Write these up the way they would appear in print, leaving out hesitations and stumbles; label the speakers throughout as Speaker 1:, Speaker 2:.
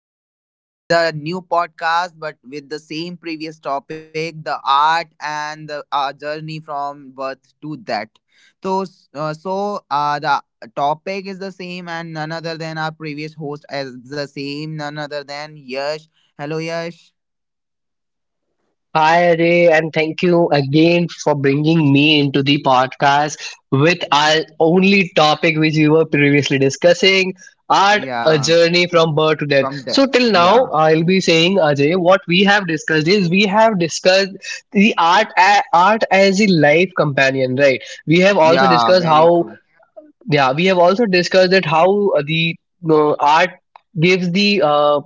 Speaker 1: back again with a new podcast, but with the same previous topic, the art and the journey from birth to that. So, so, the topic is the same, and none other than our previous host as the same, none other than Yash. Hello, Yash.
Speaker 2: Hi, Ray, and thank you again for bringing me into the podcast with our only topic which we were previously discussing art, a
Speaker 1: Yeah,
Speaker 2: journey from birth to death.
Speaker 1: from the
Speaker 2: So, till now,
Speaker 1: yeah,
Speaker 2: I'll be saying, Ajay, what we have discussed is we have discussed the art, art as a life companion, right? We have also
Speaker 1: yeah,
Speaker 2: discussed
Speaker 1: very
Speaker 2: how,
Speaker 1: true.
Speaker 2: yeah, we have also discussed that how the art gives the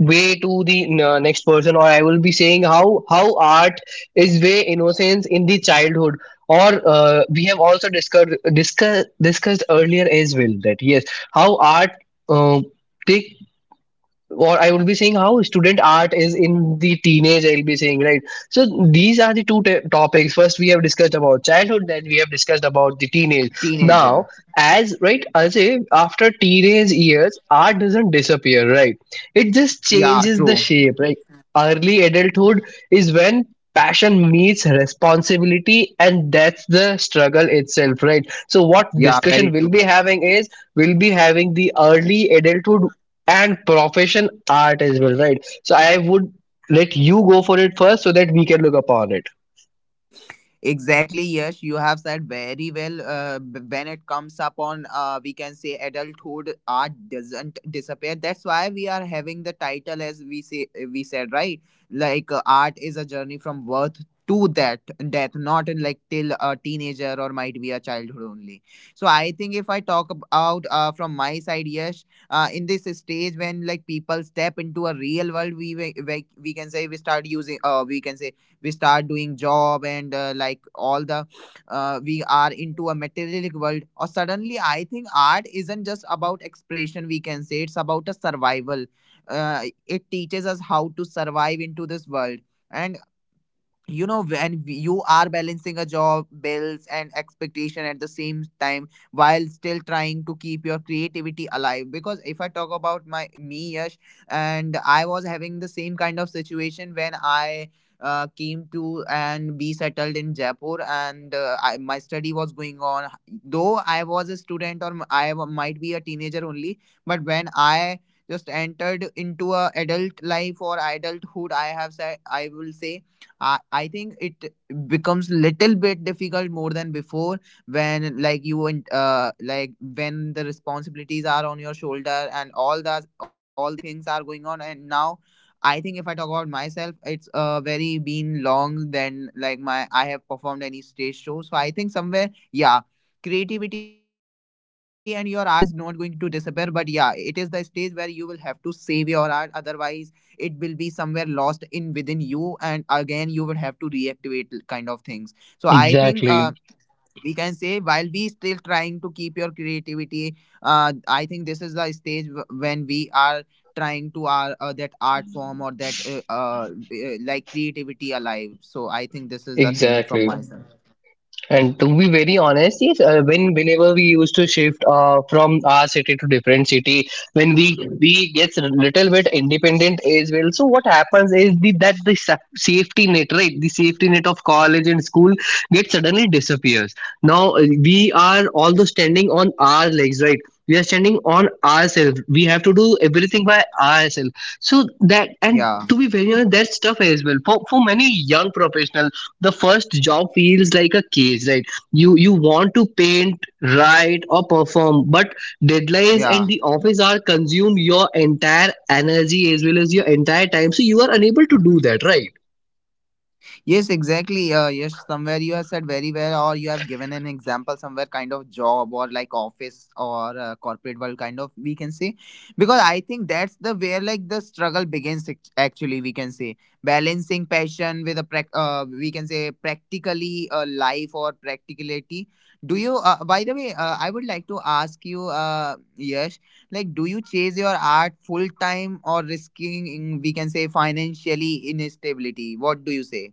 Speaker 2: way to the next person, or I will be saying how art is way innocence in the childhood, or we have also discussed earlier as well that yes, how art uh, take, or I will be saying how student art is in the teenage. I'll be saying, right. So these are the two topics. First, we have discussed about childhood. Then we have discussed about the teenage. Now,
Speaker 1: Teenager.
Speaker 2: as right, as if after teenage years, art doesn't disappear. Right, it just
Speaker 1: Yeah,
Speaker 2: changes the
Speaker 1: true.
Speaker 2: shape. Right, early adulthood is when passion meets responsibility, and that's the struggle itself, right? So what
Speaker 1: Yeah, very
Speaker 2: discussion we will
Speaker 1: true.
Speaker 2: be having is we'll be having the early adulthood and profession art as well, right? So I would let you go for it first so that we can look upon it.
Speaker 1: Exactly, yes, you have said very well. When it comes upon, we can say adulthood, art doesn't disappear. That's why we are having the title as we said, right. Art is a journey from birth to that death, not in like till a teenager or might be a childhood only. So I think if I talk about from my side, yes, in this stage when like people step into a real world, we can say we can say we start doing job, and like all the we are into a materialistic world. Or suddenly I think art isn't just about expression, we can say it's about a survival. It teaches us how to survive into this world, and you know when you are balancing a job, bills and expectation at the same time while still trying to keep your creativity alive. Because if I talk about my me, Yash, and I was having the same kind of situation when I came to and be settled in Jaipur, and my study was going on. Though I was a student or I might be a teenager only, but when I just entered into a adult life or adulthood, I have said I will say I think it becomes little bit difficult more than before, when like you and like when the responsibilities are on your shoulder and all that, all these things are going on. And now I think if I talk about myself, it's very been long than like my I have performed any stage show. So I think somewhere, yeah, creativity and your art is not going to disappear. But yeah, it is the stage where you will have to save your art. Otherwise, it will be somewhere lost in within you, and again you would have to reactivate kind of things. So I think
Speaker 2: Exactly.
Speaker 1: we can say while we still trying to keep your creativity I think this is the stage when we are trying to our that art form or that like creativity alive. So I think this is the thing from
Speaker 2: Exactly.
Speaker 1: my side.
Speaker 2: And to be very honest, yes, when whenever we used to shift from our city to different city, when we gets a little bit independent as well. So what happens is that the safety net, right, the safety net of college and school gets suddenly disappears. Now we are although standing on our legs, right. We are standing on ourselves. We have to do everything by ourselves. So that, and
Speaker 1: Yeah,
Speaker 2: to be very honest, that stuff as well, for many young professionals, the first job feels like a cage, right? You want to paint, write, or perform, but deadlines and
Speaker 1: yeah.
Speaker 2: the office hour consume your entire energy as well as your entire time, so you are unable to do that, right?
Speaker 1: Yes, exactly. Yes, somewhere you have said very well, or you have given an example somewhere, kind of job or like office or corporate world, kind of, we can say, because I think that's the where like the struggle begins. Actually, we can say balancing passion with a we can say practically life or practicality. Do you? By the way, I would like to ask you, Yash, like, do you chase your art full time or risking, we can say, financially instability? What do you say?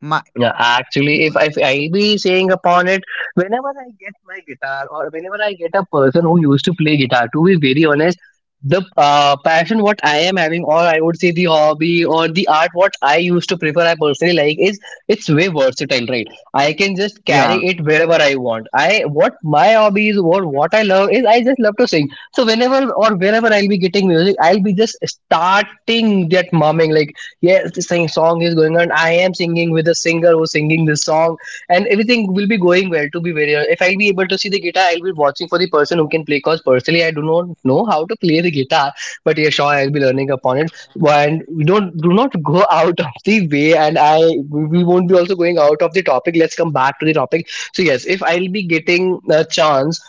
Speaker 1: My
Speaker 2: Yeah, actually, if I'll be saying upon it, whenever I get my guitar or whenever I get a person who used to play guitar, to be very honest, the passion what I am having, or I would say the hobby or the art what I used to prefer, I personally like is it's way versatile, right? I can just
Speaker 1: Yeah,
Speaker 2: carry it wherever I want. I, what my hobby is or what I love is, I just love to sing. So whenever or wherever I'll be getting music, I'll be just starting that mumming like yes, this thing song is going on, I am singing with a singer who's singing this song, and everything will be going well, to be very honest. If I'll be able to see the guitar, I'll be watching for the person who can play because personally I do not know how to play the guitar, but yeah, sure, I'll be learning upon it. And we don't do not go out of the way, and I we won't be also going out of the topic. Let's come back to the topic. So yes, if I'll be getting a chance,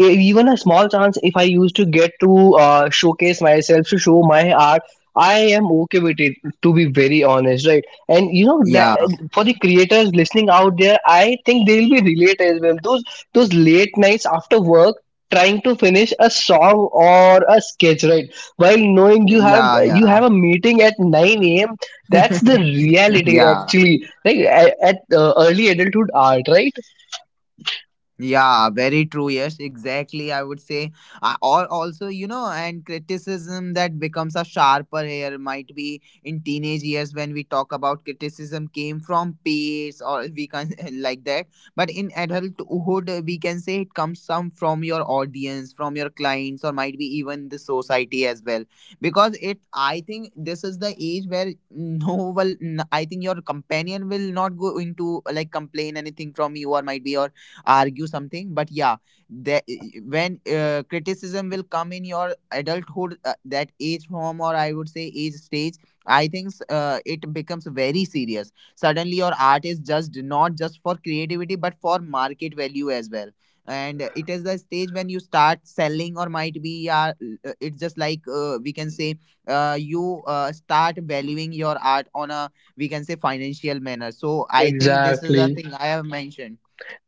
Speaker 2: even a small chance, if I used to get to showcase myself, to show my art, I am okay with it, to be very honest, right? And you know that
Speaker 1: yeah,
Speaker 2: for the creators listening out there, I think they'll be relate as well, those late nights after work trying to finish a song or a sketch, right, while knowing you
Speaker 1: yeah, yeah
Speaker 2: have a meeting at 9 a.m. That's the reality
Speaker 1: yeah.
Speaker 2: actually. Like at, at early adulthood art, right?
Speaker 1: Yeah, very true. Yes, exactly, I would say. Or also, and criticism, that becomes a sharper here, might be in teenage years when we talk about criticism came from peers, or we can like that. But in adulthood, we can say it comes some from your audience, from your clients, or might be even the society as well. Because it, I think, this is the age where, no, well, I think your companion will not go into like complain anything from you, or might be, or argue something. But yeah, that when criticism will come in your adulthood that age form, or I would say age stage, I think it becomes very serious. Suddenly your art is judged not just for creativity but for market value as well, and it is the stage when you start selling, or might be, yeah, it's just like we can say you start valuing your art on a, we can say, financial manner. So I think this is a
Speaker 2: Exactly.
Speaker 1: thing I have mentioned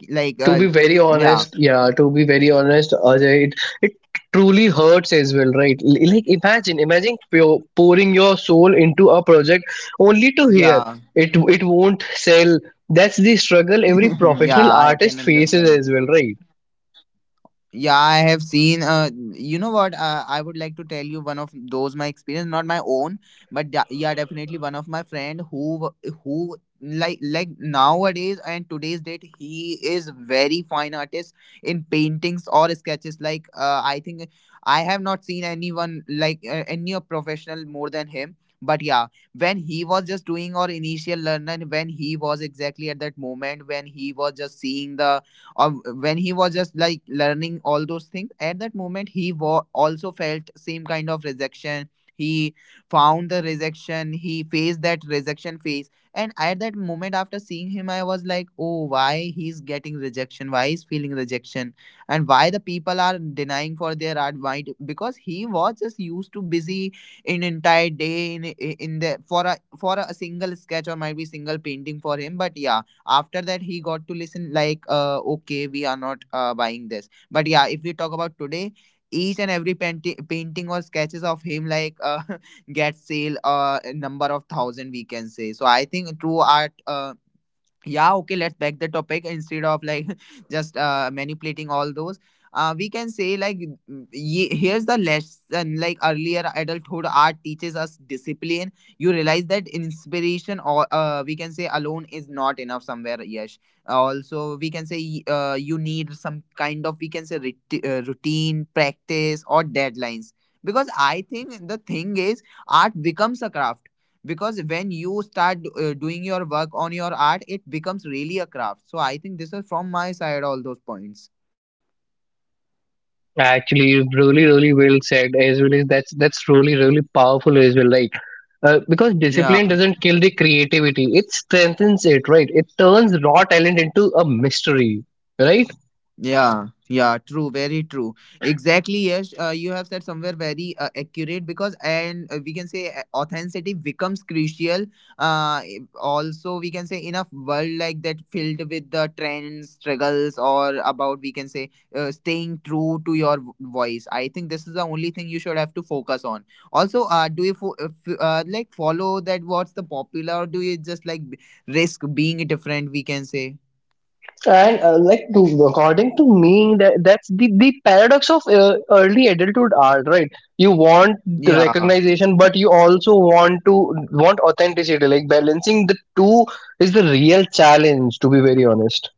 Speaker 1: like
Speaker 2: To be very
Speaker 1: yeah,
Speaker 2: honest, yeah, to be very honest, Ajay, it truly hurts as well, right? Like imagine, pouring your soul into a project only to hear
Speaker 1: yeah
Speaker 2: it won't sell. That's the struggle every professional
Speaker 1: yeah, I can
Speaker 2: artist faces
Speaker 1: understand.
Speaker 2: as well, right?
Speaker 1: Yeah, I have seen. You know what? I would like to tell you one of those my experience, not my own, but yeah, definitely, one of my friend who who like nowadays and today's date he is very fine artist in paintings or sketches. I think I have not seen anyone like any a professional more than him. But yeah, when he was just doing our initial learn, and when he was exactly at that moment when he was just seeing the uh, when he was just like learning all those things, at that moment he also felt same kind of rejection. He found the rejection, he faced that rejection phase, and at that moment after seeing him, I was like, oh, why he's getting rejection, why he's feeling rejection, and why the people are denying for their art, because he was just used to busy in entire day in the for a single sketch or might be single painting for him. But yeah, after that he got to listen like, okay, we are not buying this. But yeah, if we talk about today, each and every painting or sketches of him like get sale a number of thousand, we can say. So I think true art yeah, okay, let's back the topic instead of like just manipulating all those we can say, like, Here's the lesson. Like, earlier adulthood art teaches us discipline. You realize that inspiration or we can say alone is not enough somewhere, yes. Also we can say you need some kind of, we can say, routine practice or deadlines. Because I think the thing is, art becomes a craft, because when you start doing your work on your art it becomes really a craft. So I think this is from my side, all those points.
Speaker 2: Actually, really, really well said. As well as that's really, really powerful as well. Like, because discipline
Speaker 1: Yeah.
Speaker 2: doesn't kill the creativity; it strengthens it, right? It turns raw talent into a mystery, right?
Speaker 1: Yeah, yeah, true, very true. Exactly, yes. You have said somewhere very accurate, because, and we can say authenticity becomes crucial. Also, we can say, in a world like that filled with the trends, struggles, or about, we can say, staying true to your voice. I think this is the only thing you should have to focus on. Also, do you if, you, like follow that what's the popular, or do you just like risk being different, we can say?
Speaker 2: and Like, to according to me, that that's the paradox of early adulthood art, right? You want the
Speaker 1: Yeah.
Speaker 2: recognition, but you also want to want authenticity. Like balancing the two is the real challenge, to be very honest.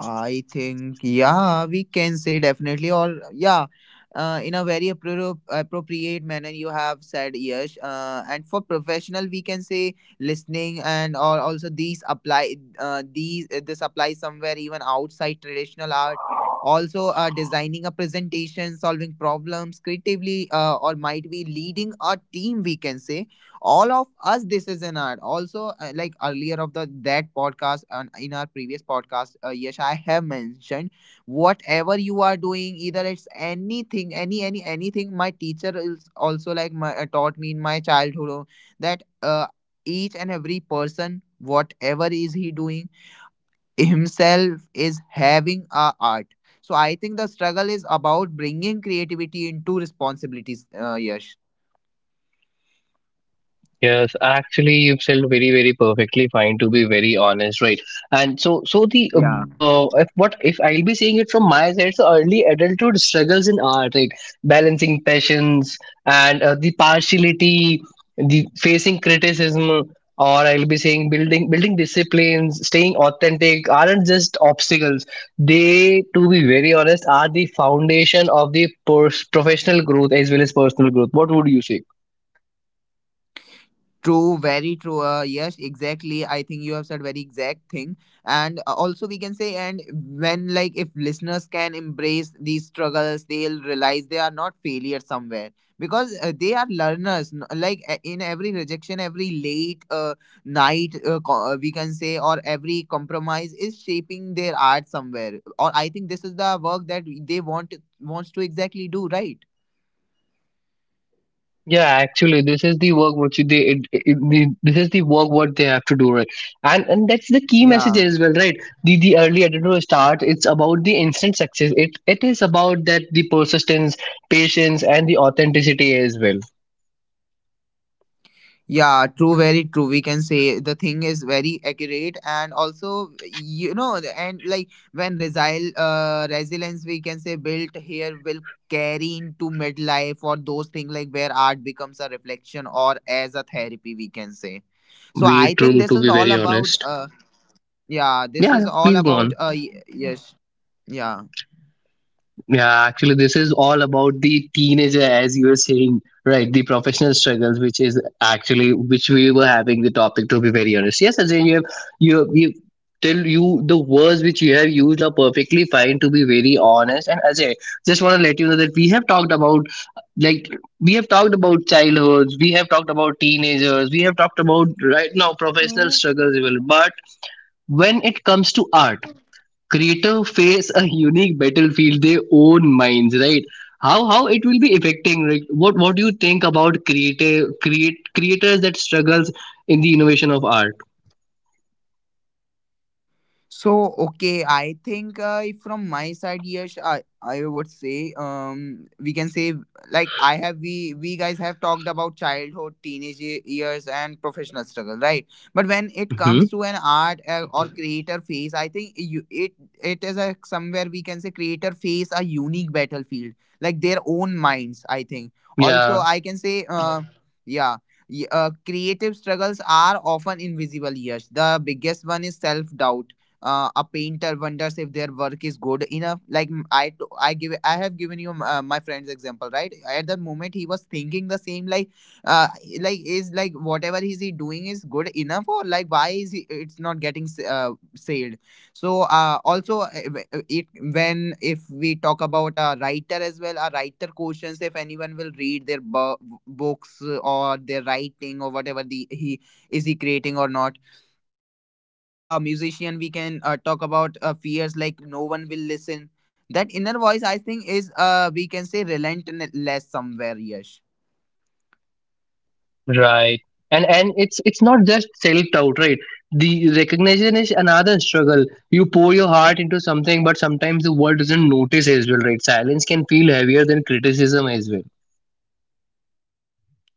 Speaker 1: I think, yeah, we can say definitely, or yeah, in a very appropriate manner, you have said yes. And for professional, we can say, listening, and or also these apply, these this applies somewhere even outside traditional art. Also, designing a presentation, solving problems creatively, or might be leading a team, we can say, all of us, this is an art also like earlier of the that podcast, and in our previous podcast yes, I have mentioned whatever you are doing, either it's anything, anything. My teacher is also like taught me in my childhood that each and every person, whatever is he doing, himself is having a art. So I think the struggle is about bringing creativity into responsibilities, yes.
Speaker 2: Yes, actually, you've said very, very perfectly fine, to be very honest, right? And so, so the if what if I'll be saying it from my side, so early adulthood struggles in art, right? Balancing passions and the partiality, the facing criticism, or I'll be saying building disciplines, staying authentic, aren't just obstacles. They, to be very honest, are the foundation of the professional growth as well as personal growth. What would you say?
Speaker 1: True, very true. Yes, exactly. I think you have said very exact thing. And also we can say, and when like, if listeners can embrace these struggles, they'll realize they are not failures somewhere, because they are learners. Like in every rejection, every late night we can say, or every compromise is shaping their art somewhere. Or I think this is the work that they wants to exactly do, right?
Speaker 2: Yeah, actually, this is the work what you- they it, it, the, this is the work what they have to do, right? And that's the key message
Speaker 1: Yeah.
Speaker 2: as well, right? The early editorial start, it's about the instant success. It is about that the persistence, patience, and the authenticity as well.
Speaker 1: Yeah, true, very true. We can say the thing is very accurate, and also and like, when resilience, we can say, built here will carry into midlife or those things, like, where art becomes a reflection or as a therapy, we can say. So
Speaker 2: Way
Speaker 1: I think
Speaker 2: true,
Speaker 1: this
Speaker 2: to
Speaker 1: is
Speaker 2: be
Speaker 1: all
Speaker 2: very
Speaker 1: about
Speaker 2: honest.
Speaker 1: yeah, this
Speaker 2: Yeah,
Speaker 1: is
Speaker 2: yeah,
Speaker 1: all
Speaker 2: please go
Speaker 1: about
Speaker 2: on.
Speaker 1: yes, yeah.
Speaker 2: Yeah, actually, this is all about the teenager, as you were saying, right? The professional struggles, which is actually which we were having the topic. To be very honest, yes, Ajay, you have you you till you the words which you have used are perfectly fine. To be very honest. And Ajay, just want to let you know that we have talked about, like, we have talked about childhoods, we have talked about teenagers, we have talked about right now professional struggles, as well. But when it comes to art, creative face a unique battlefield, their own minds, right? How it will be affecting, like, what do you think about creative create creators that struggles in the innovation of art?
Speaker 1: So okay, I think if from my side, yes, I would say we can say, like, I have we guys have talked about childhood, teenage years, and professional struggle, right? But when it comes
Speaker 2: Hmm.
Speaker 1: to an art or creator phase, I think you, it is a somewhere we can say creator phase a unique battlefield, like their own minds. I think also
Speaker 2: Yeah.
Speaker 1: I can say yeah y- Creative struggles are often invisible, yes, the biggest one is self doubt. A painter wonders if their work is good enough, like I have given you my friend's example, right? At that moment he was thinking the same, uh, like is like whatever is he doing is good enough, or like why is he, it's not getting sailed. So also w- it When if we talk about a writer as well, a writer questions if anyone will read their books or their writing, or whatever the he is he creating or not. Also like a musician, we can talk about fears like no one will listen. That inner voice, I think, is we can say relentless somewhere, yes.
Speaker 2: Right. And it's not just self doubt, right? The recognition is another struggle. You pour your heart into something, but sometimes the world doesn't notice as well, right? Silence can feel heavier than criticism as well.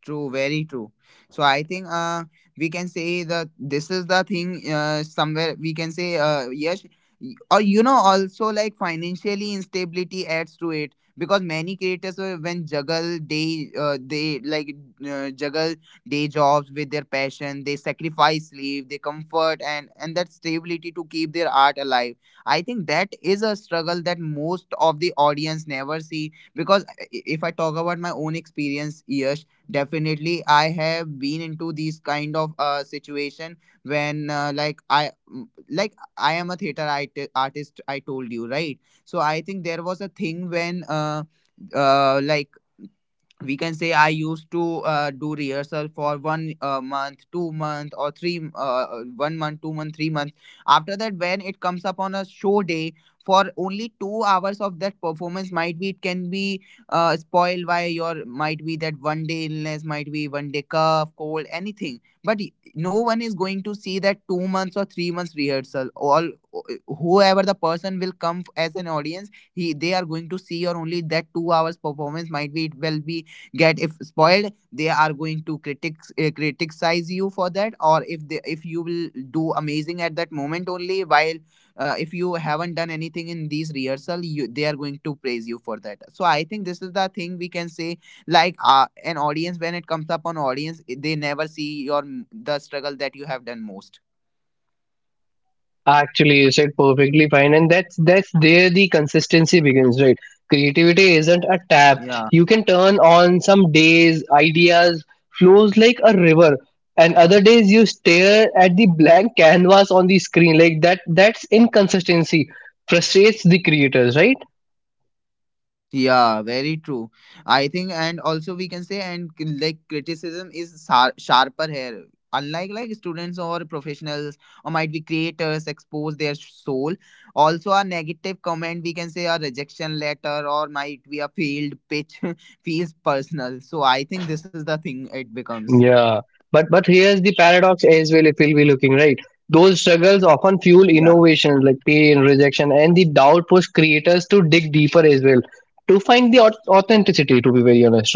Speaker 1: True, very true. So I think we can say that this is the thing, somewhere we can say, yes. Or you know, also like financially instability adds to it, because many creators when juggle they like juggle day jobs with their passion. They sacrifice sleep, they comfort, and that stability to keep their art alive. I think that is a struggle that most of the audience never see, because if I talk about my own experience, yes. Definitely, I have been into these kind of situation when like I like I am a theater artist. I told you, right? So I think there was a thing when uh like we can say I used to do rehearsal for one month 2 month or three one month 2 month 3 months. After that, when it comes up on a show day, for only 2 hours of that performance, might be it can be spoiled by your, might be that one day illness, might be one day cough cold anything. But no one is going to see that 2 months or 3 months rehearsal, all whoever the person will come as an audience, he they are going to see or only that 2 hours performance. Might be it will be get if spoiled, they are going to critics, criticize you for that. Or if they, if you will do amazing at that moment only, while if you haven't done anything in these rehearsal, you they are going to praise you for that. So I think this is the thing we can say, like an audience, when it comes up on audience, they never see your the struggle that you have done most.
Speaker 2: Actually, you said perfectly fine, and that's there the consistency begins, right? Creativity isn't a tap.
Speaker 1: Yeah.
Speaker 2: You can turn on some days, ideas flows like a river, and other days you stare at the blank canvas on the screen. Like that, that's inconsistency frustrates the creators, right?
Speaker 1: Yeah, very true. I think, and also we can say, and like criticism is sharper here. Unlike like students or professionals, or might be creators expose their soul. Also, a negative comment, we can say, a rejection letter, or might be a failed pitch feels personal. So I think this is the thing it becomes.
Speaker 2: Yeah, but here's the paradox as well. If we'll be looking right, those struggles often fuel
Speaker 1: Yeah.
Speaker 2: innovations, like pain, rejection, and the doubt push creators to dig deeper as well to find the authenticity, to be very honest.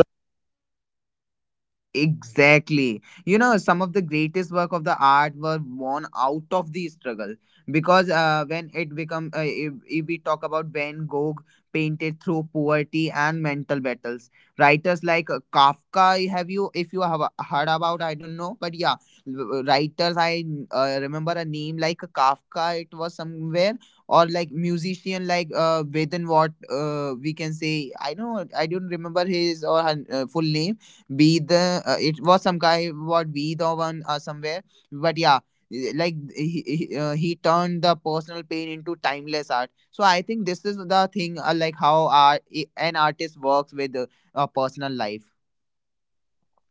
Speaker 1: Exactly. You know, some of the greatest work of the art were born out of the struggle, because when it become if we talk about Van Gogh, painted through poverty and mental battles, writers like Kafka. Have you, if you have heard about? I don't know, but yeah, writers I remember a name like Kafka. It was somewhere, or like musician like Vedant, what we can say. I don't, I don't remember his or her full name. Be the it was some guy, what be the one somewhere, but yeah, like he turned the personal pain into timeless art. So I think this is the thing, like how art an artist works with personal life.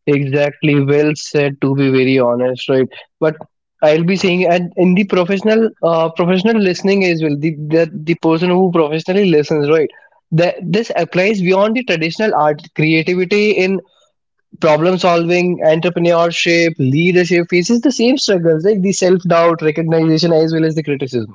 Speaker 2: Exactly. Well said, to be very honest, right? But I'll be saying, and in the professional, professional listening as well. The person who professionally listens, right? That this applies beyond the traditional art creativity in problem solving, entrepreneurship, leadership faces the same struggles, like the self doubt, recognition, as well as the criticism.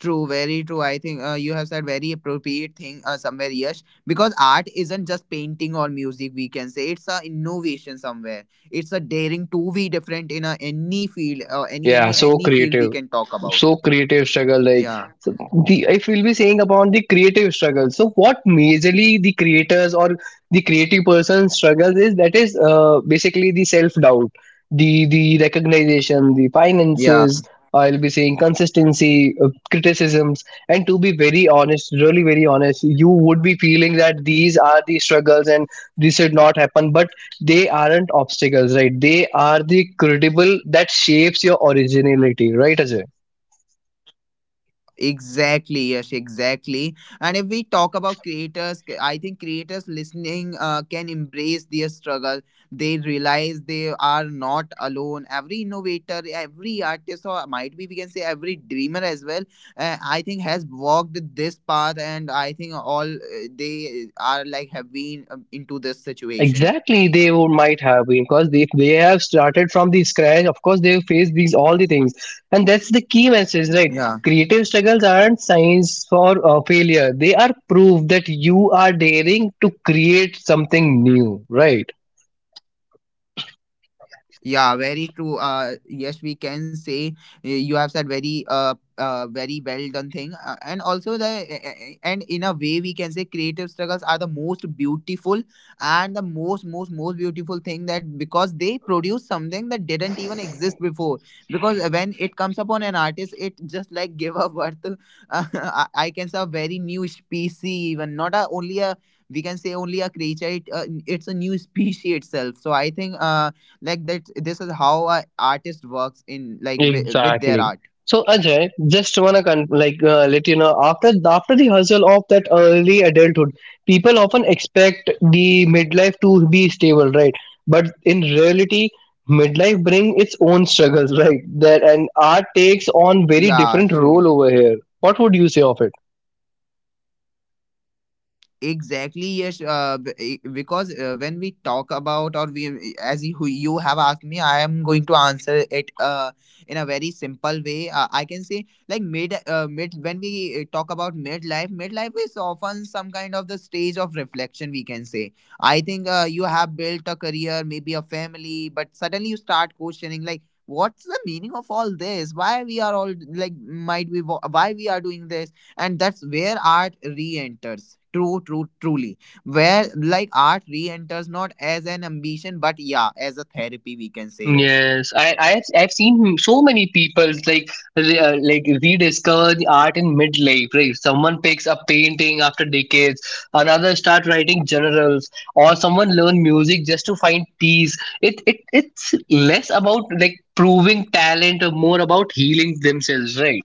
Speaker 1: True, very true. I think you have said very appropriate thing, somewhere, Yash, because art isn't just painting or music. We can say it's a innovation somewhere. It's a daring to be different in a, any field or
Speaker 2: Yeah, so
Speaker 1: any field we
Speaker 2: creative.
Speaker 1: can talk about.
Speaker 2: So creative struggle, like,
Speaker 1: Yeah,
Speaker 2: so the if we'll be saying about the creative struggle, so what majorly the creators or the creative person struggles is, that is basically the self doubt, the recognition, the
Speaker 1: yeah.
Speaker 2: finances, I'll be saying consistency, criticisms. And to be very honest, really very honest, you would be feeling that these are the struggles, and this should not happen, but they aren't obstacles, right? They are the credible that shapes your originality, right, Ajay?
Speaker 1: Exactly, Yash, exactly. And if we talk about creators, I think creators listening can embrace their struggle. They realize they are not alone. Every innovator, every artist, or might be we can say every dreamer as well, I think has walked this path, and I think all they are like have been into this situation.
Speaker 2: Exactly, they would, might have been because they have started from the scratch. Of course, they face these all the things, and that's the key message, right?
Speaker 1: Yeah.
Speaker 2: Creative struggles aren't signs for failure; they are proof that you are daring to create something new, right?
Speaker 1: Yeah, very true. Yes, we can say you have said very very well done thing, and also the and in a way we can say creative struggles are the most beautiful, and the most beautiful thing, that because they produce something that didn't even exist before. Because when it comes upon an artist, it just like give a birth to- I can say a very new species, even not a only a we can say only a creature. It's a new species itself. So I think, like that this is how a artist works in like with their
Speaker 2: Exactly.
Speaker 1: art.
Speaker 2: So Ajay, just wanna like let you know, after the hustle of that early adulthood, people often expect the midlife to be stable, right? But in reality, midlife bring its own struggles, right? That and art takes on very
Speaker 1: Yeah,
Speaker 2: different
Speaker 1: true.
Speaker 2: role over here. What would you say of it?
Speaker 1: Exactly, yes. Because when we talk about, or we, as you, you have asked me, I am going to answer it in a very simple way. I can say, like mid, mid. When we talk about midlife, midlife is often some kind of the stage of reflection, we can say. I think you have built a career, maybe a family, but suddenly you start questioning, like, what's the meaning of all this? Why we are all like, might we, why we are doing this? And that's where art re-enters. True, true, truly. Where like art re-enters not as an ambition, but yeah, as a therapy, we can say, yes.
Speaker 2: Yes, I have I've seen so many people like like rediscover the art in midlife. Right, someone picks up painting after decades, another start writing journals, or someone learn music just to find peace. It's less about like proving talent, or more about healing themselves, right.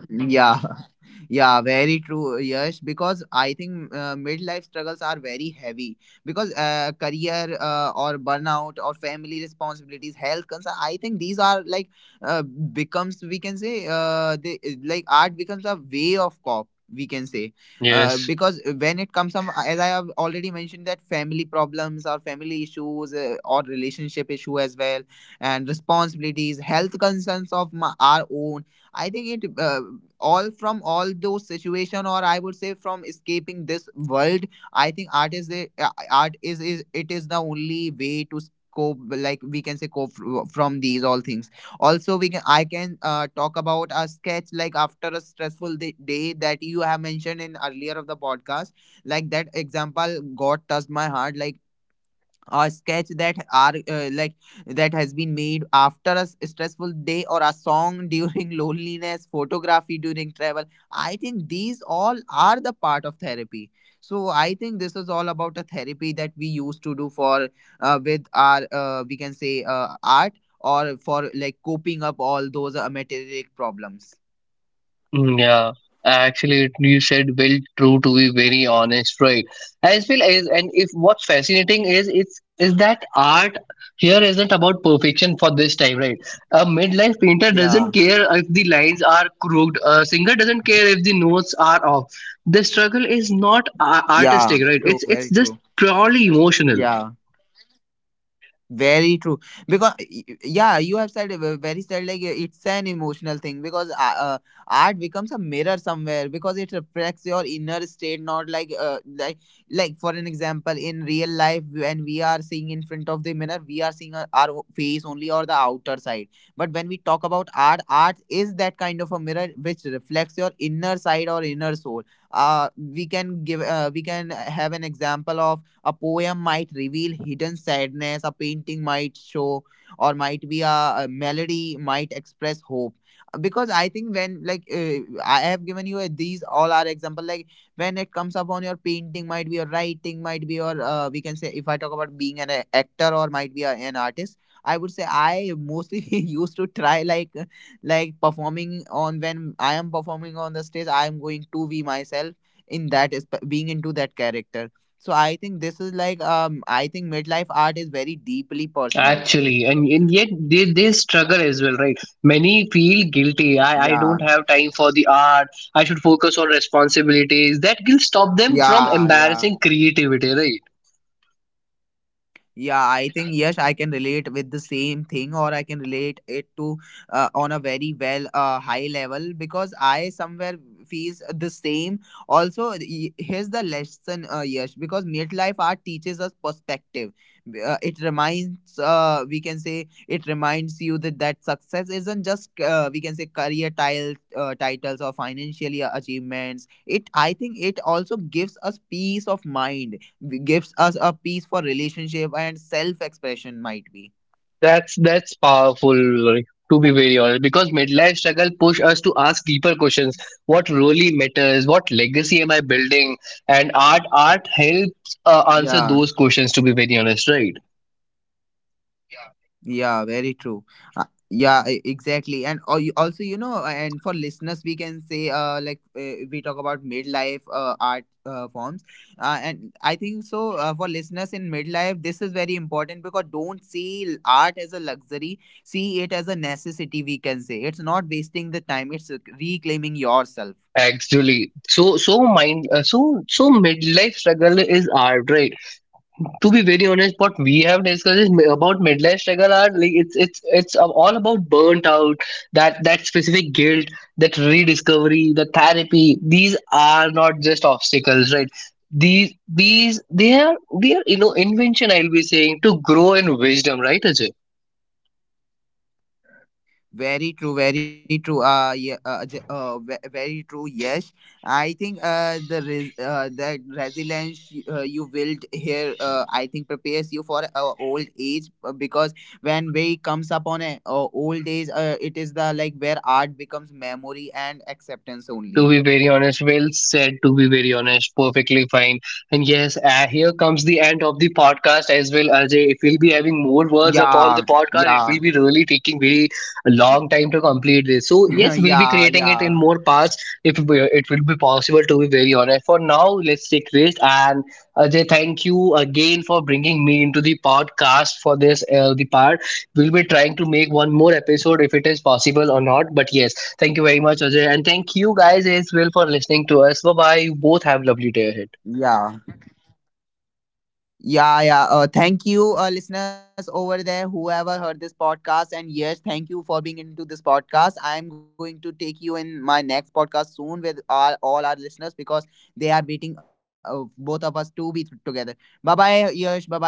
Speaker 1: Yeah, yeah, very true, yes. Because I think midlife struggles are very heavy, because career or burnout or family responsibilities, health concerns. I think these are like becomes we can say they like art becomes a way of cop, we can say.
Speaker 2: Yes.
Speaker 1: Because when it comes up, as I have already mentioned, that family problems or family issues, or relationship issue as well, and responsibilities, health concerns of my, our own, I think it all from all those situation, or I would say from escaping this world. I think art is a, art is it is the only way to cope. Like we can say cope from these all things. Also, we can, I can talk about a sketch, like after a stressful day, day that you have mentioned in earlier of the podcast. Like that example, God touched my heart. Like a sketch that are that has been made after a stressful day, or a song during loneliness, photography during travel. I think these all are the part of therapy. So I think this is all about a therapy that we used to do for, with our we can say art, or for like coping up all those material problems.
Speaker 2: Mm, yeah, actually, you said well true, to be very honest, right? As well as, and if what's fascinating is it's is that art here isn't about perfection for this time, right? A midlife painter
Speaker 1: Yeah.
Speaker 2: doesn't care if the lines are crooked. A singer doesn't care if the notes are off. The struggle is not
Speaker 1: Yeah,
Speaker 2: artistic, right?
Speaker 1: true,
Speaker 2: It's
Speaker 1: very
Speaker 2: just
Speaker 1: true.
Speaker 2: purely emotional.
Speaker 1: Yeah. Very true. Because yeah, you have said it very said, like it's an emotional thing, because art becomes a mirror somewhere, because it reflects your inner state. Not like like for an example, in real life when we are seeing in front of the mirror, we are seeing our face only, or the outer side. But when we talk about art, art is that kind of a mirror which reflects your inner side or inner soul. We can give we can have an example of a poem might reveal hidden sadness, a painting might show, or might be a melody might express hope. Because I think when like I have given you a, these all are example, like when it comes upon your painting, might be your writing, might be your we can say if I talk about being an actor, or might be a, an artist. I would say I mostly used to try like performing on, when I am performing on the stage, I am going to be myself in that, is being into that character. So I think this is like I think midlife art is very deeply personal.
Speaker 2: Actually, and yet they struggle as well, right? Many feel guilty. I
Speaker 1: Yeah.
Speaker 2: don't have time for the art. I should focus on responsibilities. That will stop them from
Speaker 1: Yeah, yeah.
Speaker 2: embarrassing creativity, right?
Speaker 1: Yeah, I think yes, I can relate with the same thing, or I can relate it to on a very well high level, because I somewhere feels the same. Also, here's the lesson, yes, because midlife art teaches us perspective. It reminds, we can say, it reminds you that success isn't just we can say career tile, titles or financial achievements. It, I think, it also gives us peace of mind, gives us a piece for relationship and self expression, might be.
Speaker 2: That's powerful, like, to be very honest, because midlife struggle push us to ask deeper questions. What really matters? What legacy am I building? And art helps
Speaker 1: Yeah.
Speaker 2: answer those questions, to be very honest, right?
Speaker 1: Yeah, very true. uh, yeah, exactly, and also you know, and for listeners we can say, we talk about midlife art forms, and I think so, for listeners in midlife, this is very important, because don't see art as a luxury, see it as a necessity, we can say. It's not wasting the time, it's reclaiming yourself.
Speaker 2: Actually, so so mind so so midlife struggle is art, right? To be very honest, what we have discussed is about midlife struggle are, like, it's all about burnt out, that specific guilt, that rediscovery, the therapy. These are not just obstacles, right? These They are they are, you know, invention. I'll be saying to grow in wisdom, right, Ajay?
Speaker 1: Very true, very true. Very true. Yes, I think that resilience you build here, I think prepares you for old age, because when we comes upon a old age, it is the like where art becomes memory and acceptance
Speaker 2: To
Speaker 1: only.
Speaker 2: be very honest, well said, to be very honest, perfectly fine. And yes, here comes the end of the podcast as well, Ajay. If we'll be having more words
Speaker 1: Yeah,
Speaker 2: upon the podcast,
Speaker 1: yeah,
Speaker 2: it will be really taking very a long time to complete this. So, yes, we'll be
Speaker 1: yeah,
Speaker 2: creating it
Speaker 1: yeah,
Speaker 2: in more parts if it will be possible, to be very honest. For now, let's take rest. And Ajay, thank you again for bringing me into the podcast for this, the part. We'll be trying to make one more episode if it is possible or not. But yes, thank you very much, Ajay. And thank you guys as well for listening to us. Bye bye. You both have lovely day
Speaker 1: Yeah.
Speaker 2: ahead.
Speaker 1: Yeah. Thank you, listeners over there, whoever heard this podcast. And yes, thank you for being into this podcast. I am going to take you in my next podcast soon with our, all our listeners, because they are waiting both of us to be together. Bye bye, Yash. Bye bye. Take care.